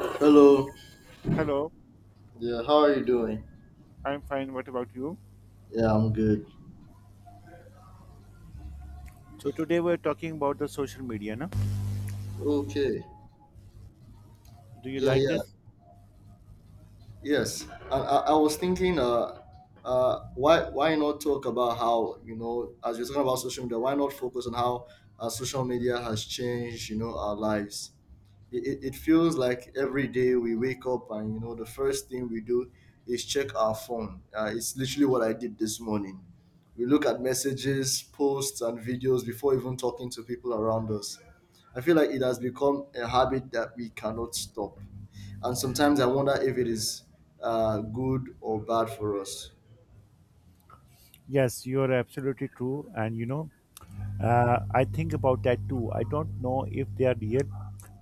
Hello. Hello, Yeah, how are you doing? I'm fine. What about you? Yeah, I'm good. So today we're talking about the social media, na? Okay. Do you Yeah, like yeah. this? Yes. I was thinking why not talk about how, you know, as we're talking about social media, why not focus on how social media has changed, you know, our lives. It feels like every day we wake up, and you know, the first thing we do is check our phone. It's literally what I did this morning. We look at messages, posts and videos before even talking to people around us. I feel like it has become a habit that we cannot stop, and sometimes I wonder if it is good or bad for us. Yes, you are absolutely true. And you know, I think about that too. I don't know if they are real,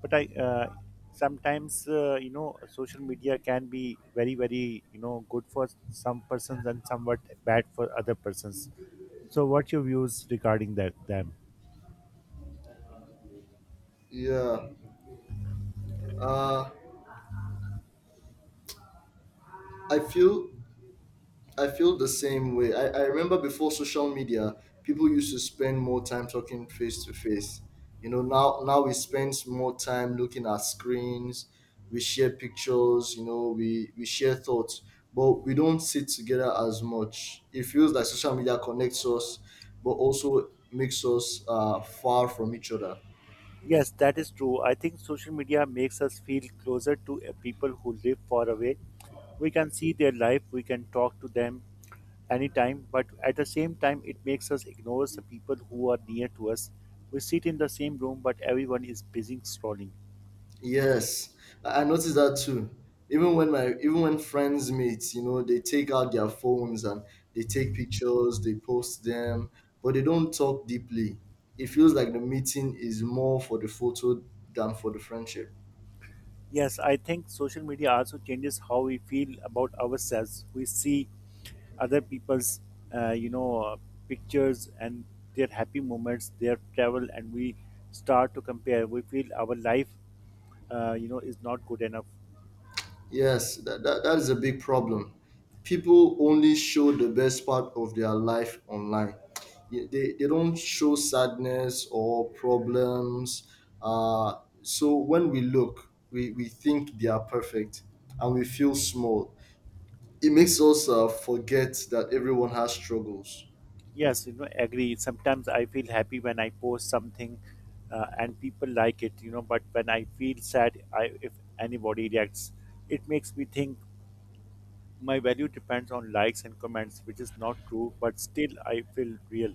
but I sometimes you know, social media can be very very, you know, good for some persons and somewhat bad for other persons. So, what's your views regarding that them? yeah uh, i feel I feel the same way. I remember, before social media, people used to spend more time talking face to face. You know, now we spend more time looking at screens. We share pictures, you know, we share thoughts, but we don't sit together as much. It feels like social media connects us, but also makes us far from each other. Yes, that is true. I think social media makes us feel closer to people who live far away. We can see their life, we can talk to them anytime, but at the same time it makes us ignore the people who are near to us. We sit in the same room but everyone is busy scrolling. Yes, I noticed that too. Even when friends meet, you know, they take out their phones and they take pictures, they post them, but they don't talk deeply. It feels like the meeting is more for the photo than for the friendship. Yes, I think social media also changes how we feel about ourselves. We see other people's uh, you know uh, pictures and their happy moments, their travel, and we start to compare. We feel our life you know, is not good enough. Yes, that is a big problem. People only show the best part of their life online. They don't show sadness or problems. So when we look, we think they are perfect and we feel small. It makes us forget that everyone has struggles. Yes, you know, agree. Sometimes I feel happy when I post something and people like it, you know, but when I feel sad, I if anybody reacts, it makes me think my value depends on likes and comments, which is not true, but still I feel real.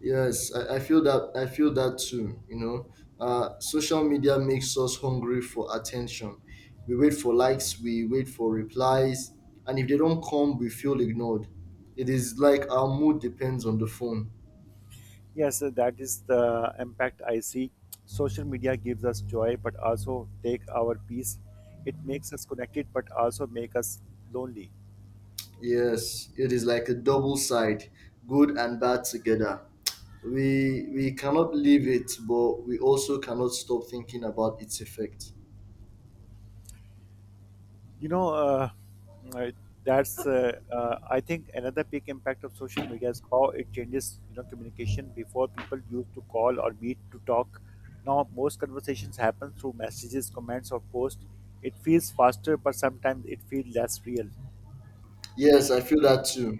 Yes, I feel that too. You know, social media makes us hungry for attention. We wait for likes, we wait for replies, and if they don't come, we feel ignored. It is like our mood depends on the phone. Yes, so that is the impact I see. Social media gives us joy, but also take our peace. It makes us connected, but also make us lonely. Yes, it is like a double side, good and bad together. We cannot leave it, but we also cannot stop thinking about its effect. You know, uh, that's I think another big impact of social media is how it changes, you know, communication. Before, people used to call or meet to talk, now most conversations happen through messages, comments, or posts. It feels faster, but sometimes it feels less real. Yes, I feel that too.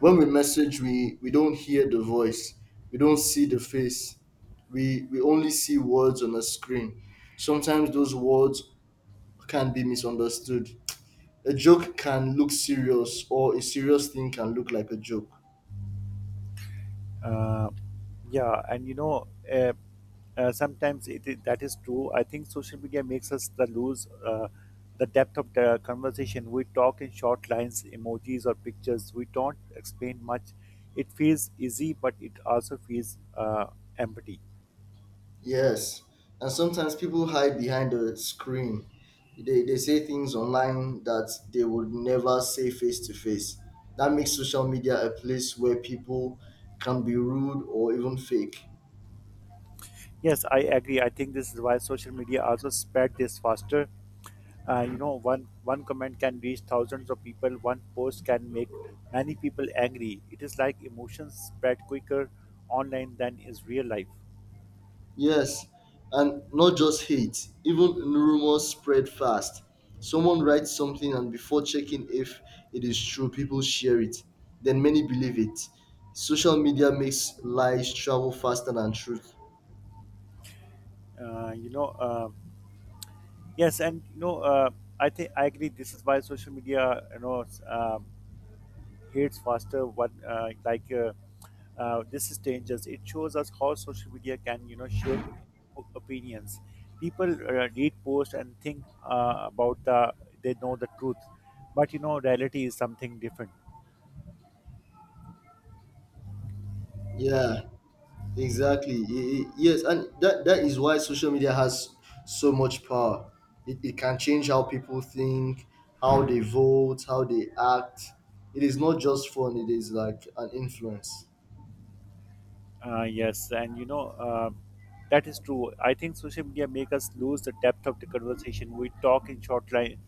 When we message, we don't hear the voice, we don't see the face, we only see words on a screen. Sometimes those words can be misunderstood. A joke can look serious, or a serious thing can look like a joke. Uh, yeah, and sometimes that is true. I think social media makes us the lose the depth of the conversation. We talk in short lines, emojis, or pictures. We don't explain much. It feels easy, but it also feels empty. Yes, and sometimes people hide behind a screen. They say things online that they would never say face to face. That makes social media a place where people can be rude or even fake. Yes, I agree. I think this is why social media also spread this faster. You know, one comment can reach thousands of people. One post can make many people angry. It is like emotions spread quicker online than is real life. Yes, and not just hate, even rumors spread fast. Someone writes something, and before checking if it is true, people share it. Then many believe it. Social media makes lies travel faster than truth. Uh, you know, uh, yes, and I think I agree. This is why social media, you know, hates faster. What like This is dangerous. It shows us how social media can, you know, shape opinions. People read posts and think about the, they know the truth, but you know reality is something different. Yeah, exactly. Yes, and that is why social media has so much power. It can change how people think, how they vote, how they act. It is not just fun, it is like an influence. Yes, and that is true. I think social media make us lose the depth of the conversation. We talk in short line,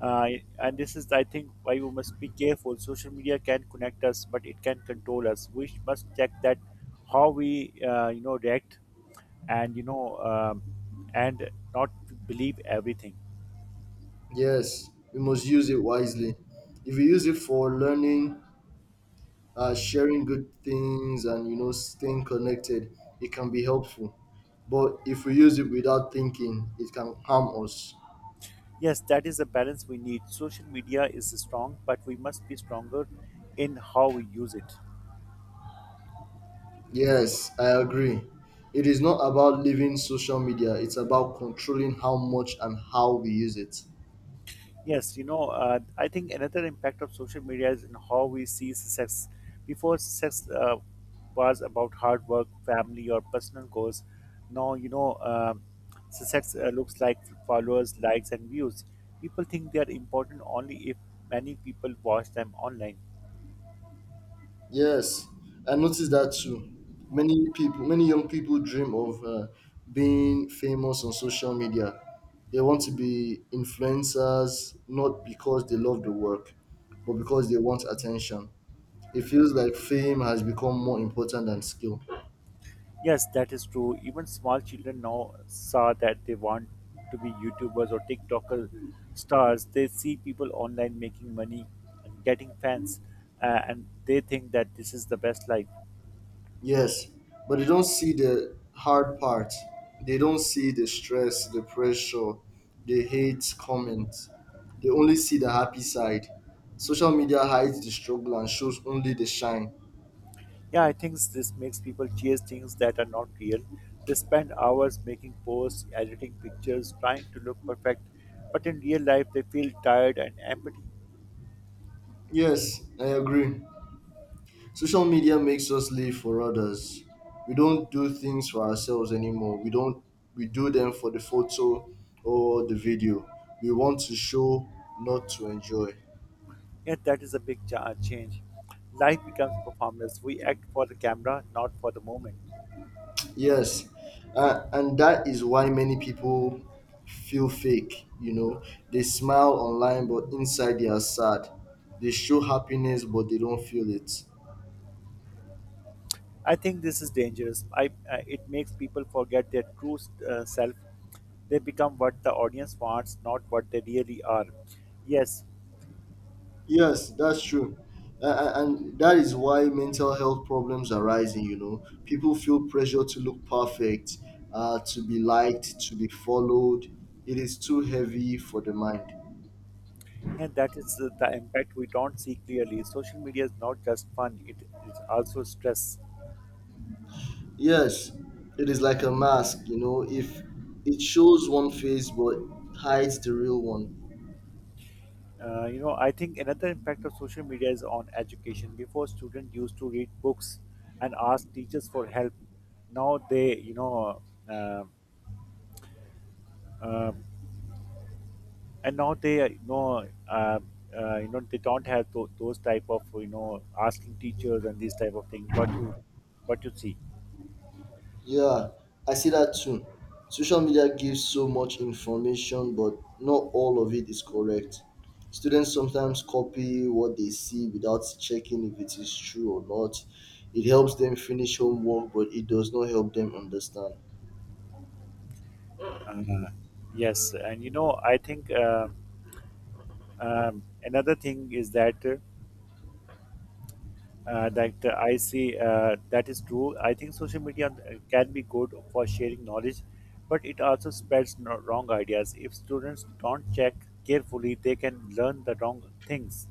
uh, and this is, I think, why we must be careful. Social media can connect us, but it can control us. Must check that how we, you know, react, and and not believe everything. Yes, we must use it wisely. If we use it for learning, sharing good things, and you know, staying connected, it can be helpful. But if we use it without thinking, it can harm us. Yes, that is the balance we need. Social media is strong, but we must be stronger in how we use it. Yes, I agree. It is not about leaving social media, it's about controlling how much and how we use it. Yes, you know, I think another impact of social media is in how we see success. Before, success was about hard work, family, or personal goals. Now, success looks like followers, likes, and views. People think they are important only if many people watch them online. Yes, I noticed that too. Many young people dream of being famous on social media. They want to be influencers, not because they love the work, but because they want attention. It feels like fame has become more important than skill. Yes, that is true. Even small children now saw that they want to be YouTubers or TikToker stars. They see people online making money and getting fans, and they think that this is the best life. Yes, but they don't see the hard part. They don't see the stress, the pressure, the hate comments. They only see the happy side. Social media hides the struggle and shows only the shine. Yeah, I think this makes people chase things that are not real. They spend hours making posts, editing pictures, trying to look perfect, but in real life they feel tired and empty. Yes, I agree. Social media makes us live for others. We don't do things for ourselves anymore. We don't We do them for the photo or the video. We want to show, not to enjoy. Yeah, that is a big change. Life becomes performance. We act for the camera, not for the moment. Yes, and that is why many people feel fake. You know, they smile online, but inside they are sad. They show happiness, but they don't feel it. I think this is dangerous. It makes people forget their true self. They become what the audience wants, not what they really are. Yes, Yes, that's true. And that is why mental health problems are rising. You know, people feel pressure to look perfect, to be liked, to be followed. It is too heavy for the mind. and that is the impact we don't see clearly. Social media is not just fun, it is also stress. Yes, it is like a mask, you know, if it shows one face but hides the real one. You know, I think another impact of social media is on education. Before, students used to read books and ask teachers for help. Now they, you know, uh, uh, and now they you know uh, you know, they don't have those type of, you know, asking teachers and these type of thing. What you, what you see. Yeah, I see that too. Social media gives so much information, but not all of it is correct. Students sometimes copy what they see without checking if it is true or not. It helps them finish homework, but it does not help them understand. uh, yes, and you know, I think, um, another thing is that I see that is true. I think social media can be good for sharing knowledge, but it also spreads wrong ideas. If students don't check carefully, they can learn the wrong things.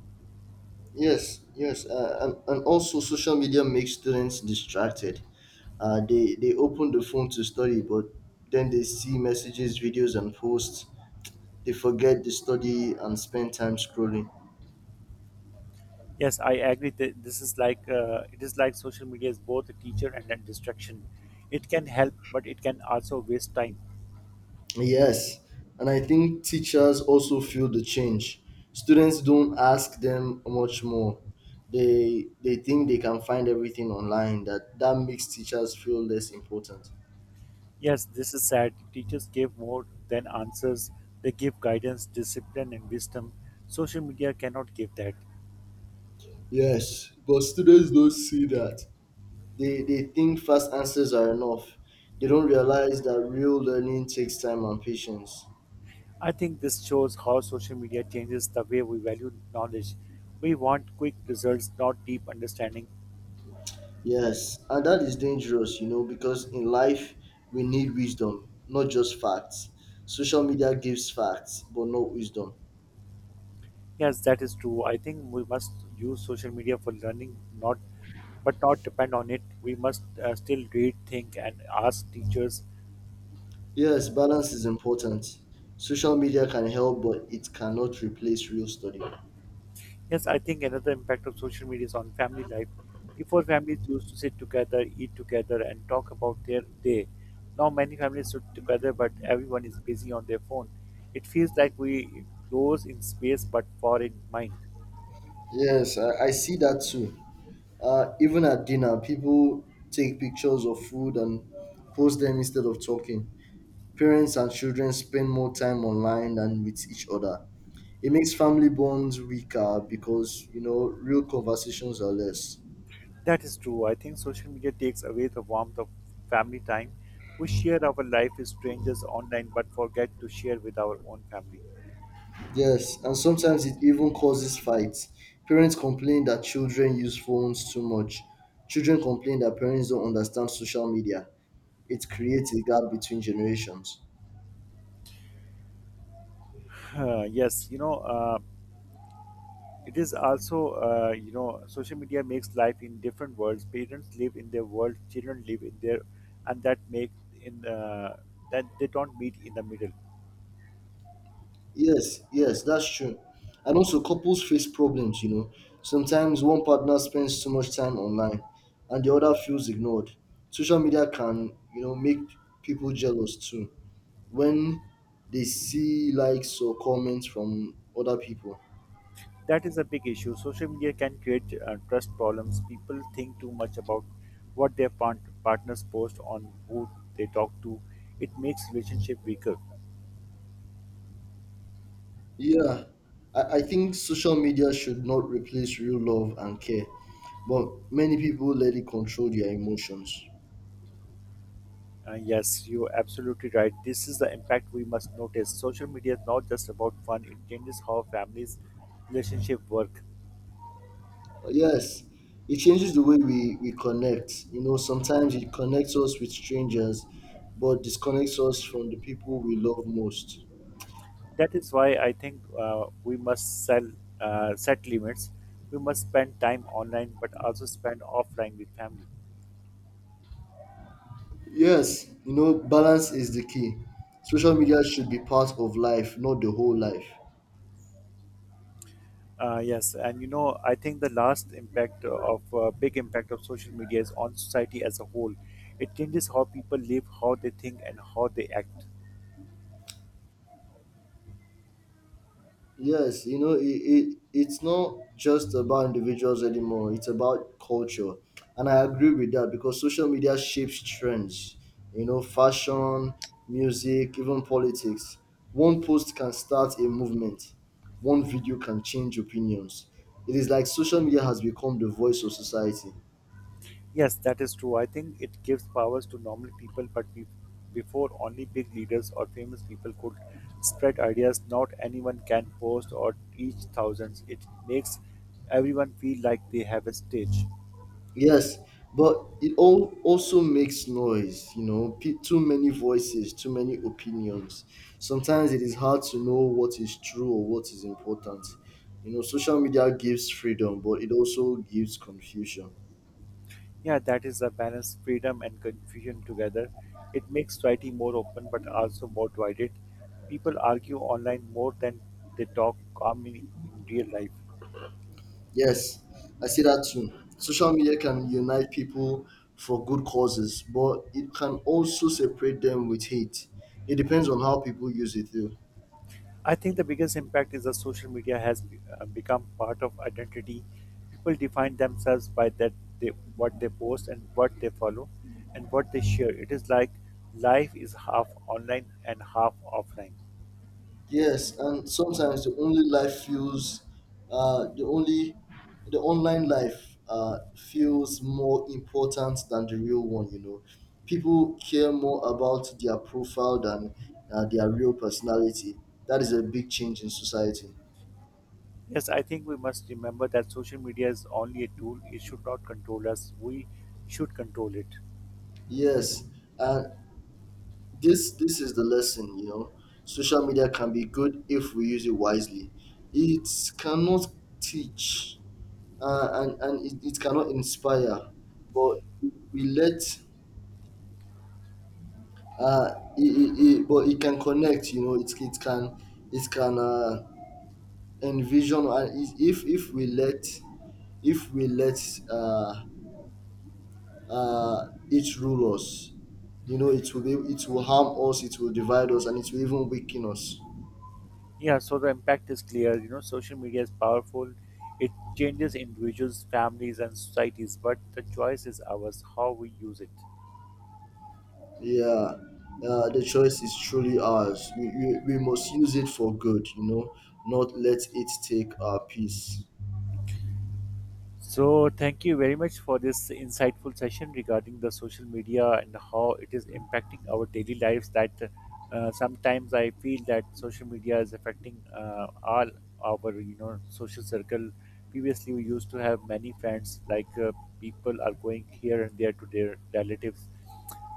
Yes, and also social media makes students distracted. They open the phone to study, but then they see messages, videos, and posts. They forget to study and spend time scrolling. Yes, I agree. That This is like, it is like social media is both a teacher and a distraction. It can help, but it can also waste time. Yes, and I think teachers also feel the change. Students don't ask them much more. They think they can find everything online. That makes teachers feel less important. Yes, this is sad. Teachers give more than answers. They give guidance, discipline, and wisdom. Social media cannot give that. Yes, but students don't see that. They think fast answers are enough. They don't realize that real learning takes time and patience. I think this shows how social media changes the way we value knowledge. We want quick results, not deep understanding. Yes, and that is dangerous, you know, because in life we need wisdom, not just facts. Social media gives facts, but not wisdom. Yes, that is true. I think we must use social media for learning, not but not depend on it. We must still read, think, and ask teachers. Yes, balance is important. Social media can help, but it cannot replace real study. Yes, I think another impact of social media is on family life. Before, families used to sit together, eat together, and talk about their day. Now, many families sit together, but everyone is busy on their phone. It feels like we close in space, but far in mind. Yes, I see that too. Even at dinner, people take pictures of food and post them instead of talking. Parents and children spend more time online than with each other. It makes family bonds weaker because, you know, real conversations are less. That is true. I think social media takes away the warmth of family time. We share our life with strangers online but forget to share with our own family. Yes, and sometimes it even causes fights. Parents complain that children use phones too much. Children complain that parents don't understand social media. It creates a gap between generations. Yes, you know, it is also, you know, social media makes life in different worlds. Parents live in their world, children live in their, and that make in, uh, that they don't meet in the middle. Yes, that's true. And also, couples face problems, you know. Sometimes one partner spends too much time online and the other feels ignored. Social media can, you know, make people jealous too, when they see likes or comments from other people. That is a big issue. Social media can create trust problems. People think too much about what their partners post on, who they talk to. It makes relationship weaker. Yeah, I think social media should not replace real love and care, but many people let it control their emotions. Yes, you're absolutely right. This is the impact we must notice. Social media is not just about fun. It changes how families' relationship work. Yes, it changes the way we connect. You know, sometimes it connects us with strangers, but disconnects us from the people we love most. That is why I think we must sell, set limits. We must spend time online, but also spend offline with family. Yes, you know, balance is the key. Social media should be part of life, not the whole life. Yes, and you know, I think the last impact of big impact of social media is on society as a whole. It changes how people live, how they think, and how they act. Yes, you know, it's not just about individuals anymore. It's about culture, and I agree with that, because social media shapes trends. You know, fashion, music, even politics. One post can start a movement. One video can change opinions. It is like social media has become the voice of society. Yes, that is true. I think it gives powers to normal people, but before only big leaders or famous people could spread ideas, not anyone can post or reach thousands. It makes everyone feel like they have a stage. Yes, but it all also makes noise, you know, too many voices, too many opinions. Sometimes it is hard to know what is true or what is important. You know, social media gives freedom, but it also gives confusion. Yeah, that is a balance, freedom and confusion together. It makes society more open but also more divided. People argue online more than they talk calmly in real life. Yes, I see that too. Social media can unite people for good causes, but it can also separate them with hate. It depends on how people use it, though. I think the biggest impact is that social media has become part of identity. People define themselves by they, what they post and what they follow and what they share. It is like life is half online and half offline. Yes, and sometimes uh, the only, the online life feels more important than the real one. You know, people care more about their profile than their real personality. That is a big change in society. Yes, I think we must remember that social media is only a tool. It should not control us. We should control it. Yes, and this is the lesson. You know, social media can be good if we use it wisely. It cannot teach it cannot inspire but we let uh it, it, it- But it can connect, you know, it can, it can envision. If we let if we let it rule us, you know, it will harm us, it will divide us, and it will even weaken us. Yeah, so the impact is clear. You know, social media is powerful. It changes individuals, families, and societies, but the choice is ours how we use it. Yeah, the choice is truly ours. We must use it for good, you know, not let it take our peace. So, thank you very much for this insightful session regarding the social media and how it is impacting our daily lives. That sometimes I feel that social media is affecting all our, you know, social circle. Previously, we used to have many friends. People are going here and there to their relatives,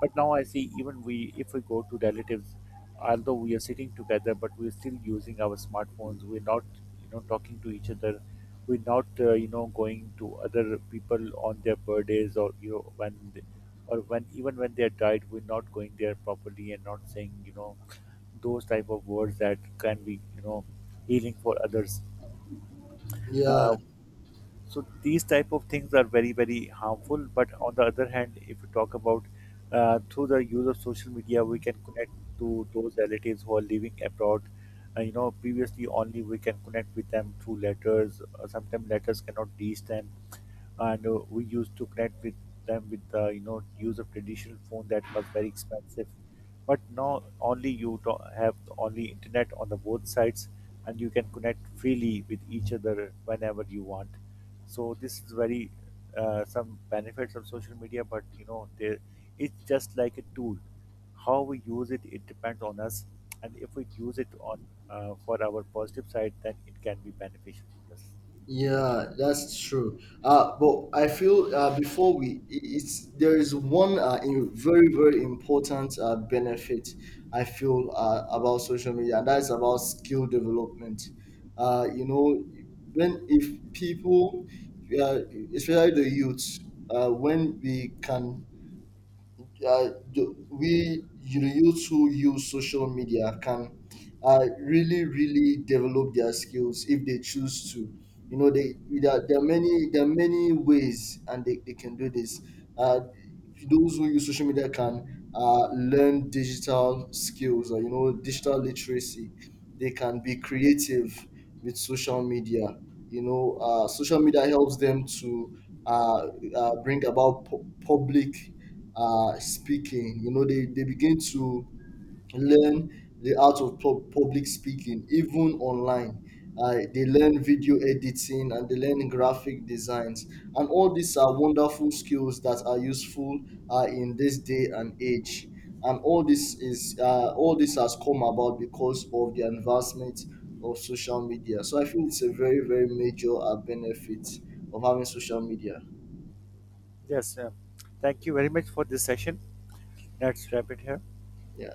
but now I see even we, if we go to relatives, although we are sitting together, but we're still using our smartphones. We're not, you know, talking to each other. We're not, you know, going to other people on their birthdays or you know or when, even when they are died, we're not going there properly and not saying, you know, those type of words that can be, you know, healing for others. Uh, Yeah. so these type of things are very very harmful, but on the other hand, if you talk about through the use of social media, we can connect to those relatives who are living abroad. You know, previously only we can connect with them through letters. Sometimes letters cannot reach them, and we used to connect with them with the, you know, use of traditional phone that was very expensive. But now only you do have only internet on the both sides and you can connect freely with each other whenever you want. So this is very, some benefits of social media. But you know, there, it's just like a tool. How we use it, it depends on us. And if we use it on, for our positive side, then it can be beneficial for us. But Yeah, that's true. But I feel, before we, I- it's there is one very, very important benefit I feel about social media, and that's about skill development. You know, when if people, uh, especially the youths, when we can the- we you know, youths who use social media can really, really develop their skills if they choose to. You know, they there there are many, ways, and they can do this. uh, those who use social media can learn digital skills, or you know, digital literacy. They can be creative with social media. You know, social media helps them to uh, public speaking. You know, they begin to learn the art of public speaking, even online. They learn video editing and they learn graphic designs. And all these are wonderful skills that are useful in this day and age. And all this is all this has come about because of the advancement of social media. So I feel it's a very, very major benefit of having social media. Yes, thank you very much for this session. Let's wrap it here. Yeah.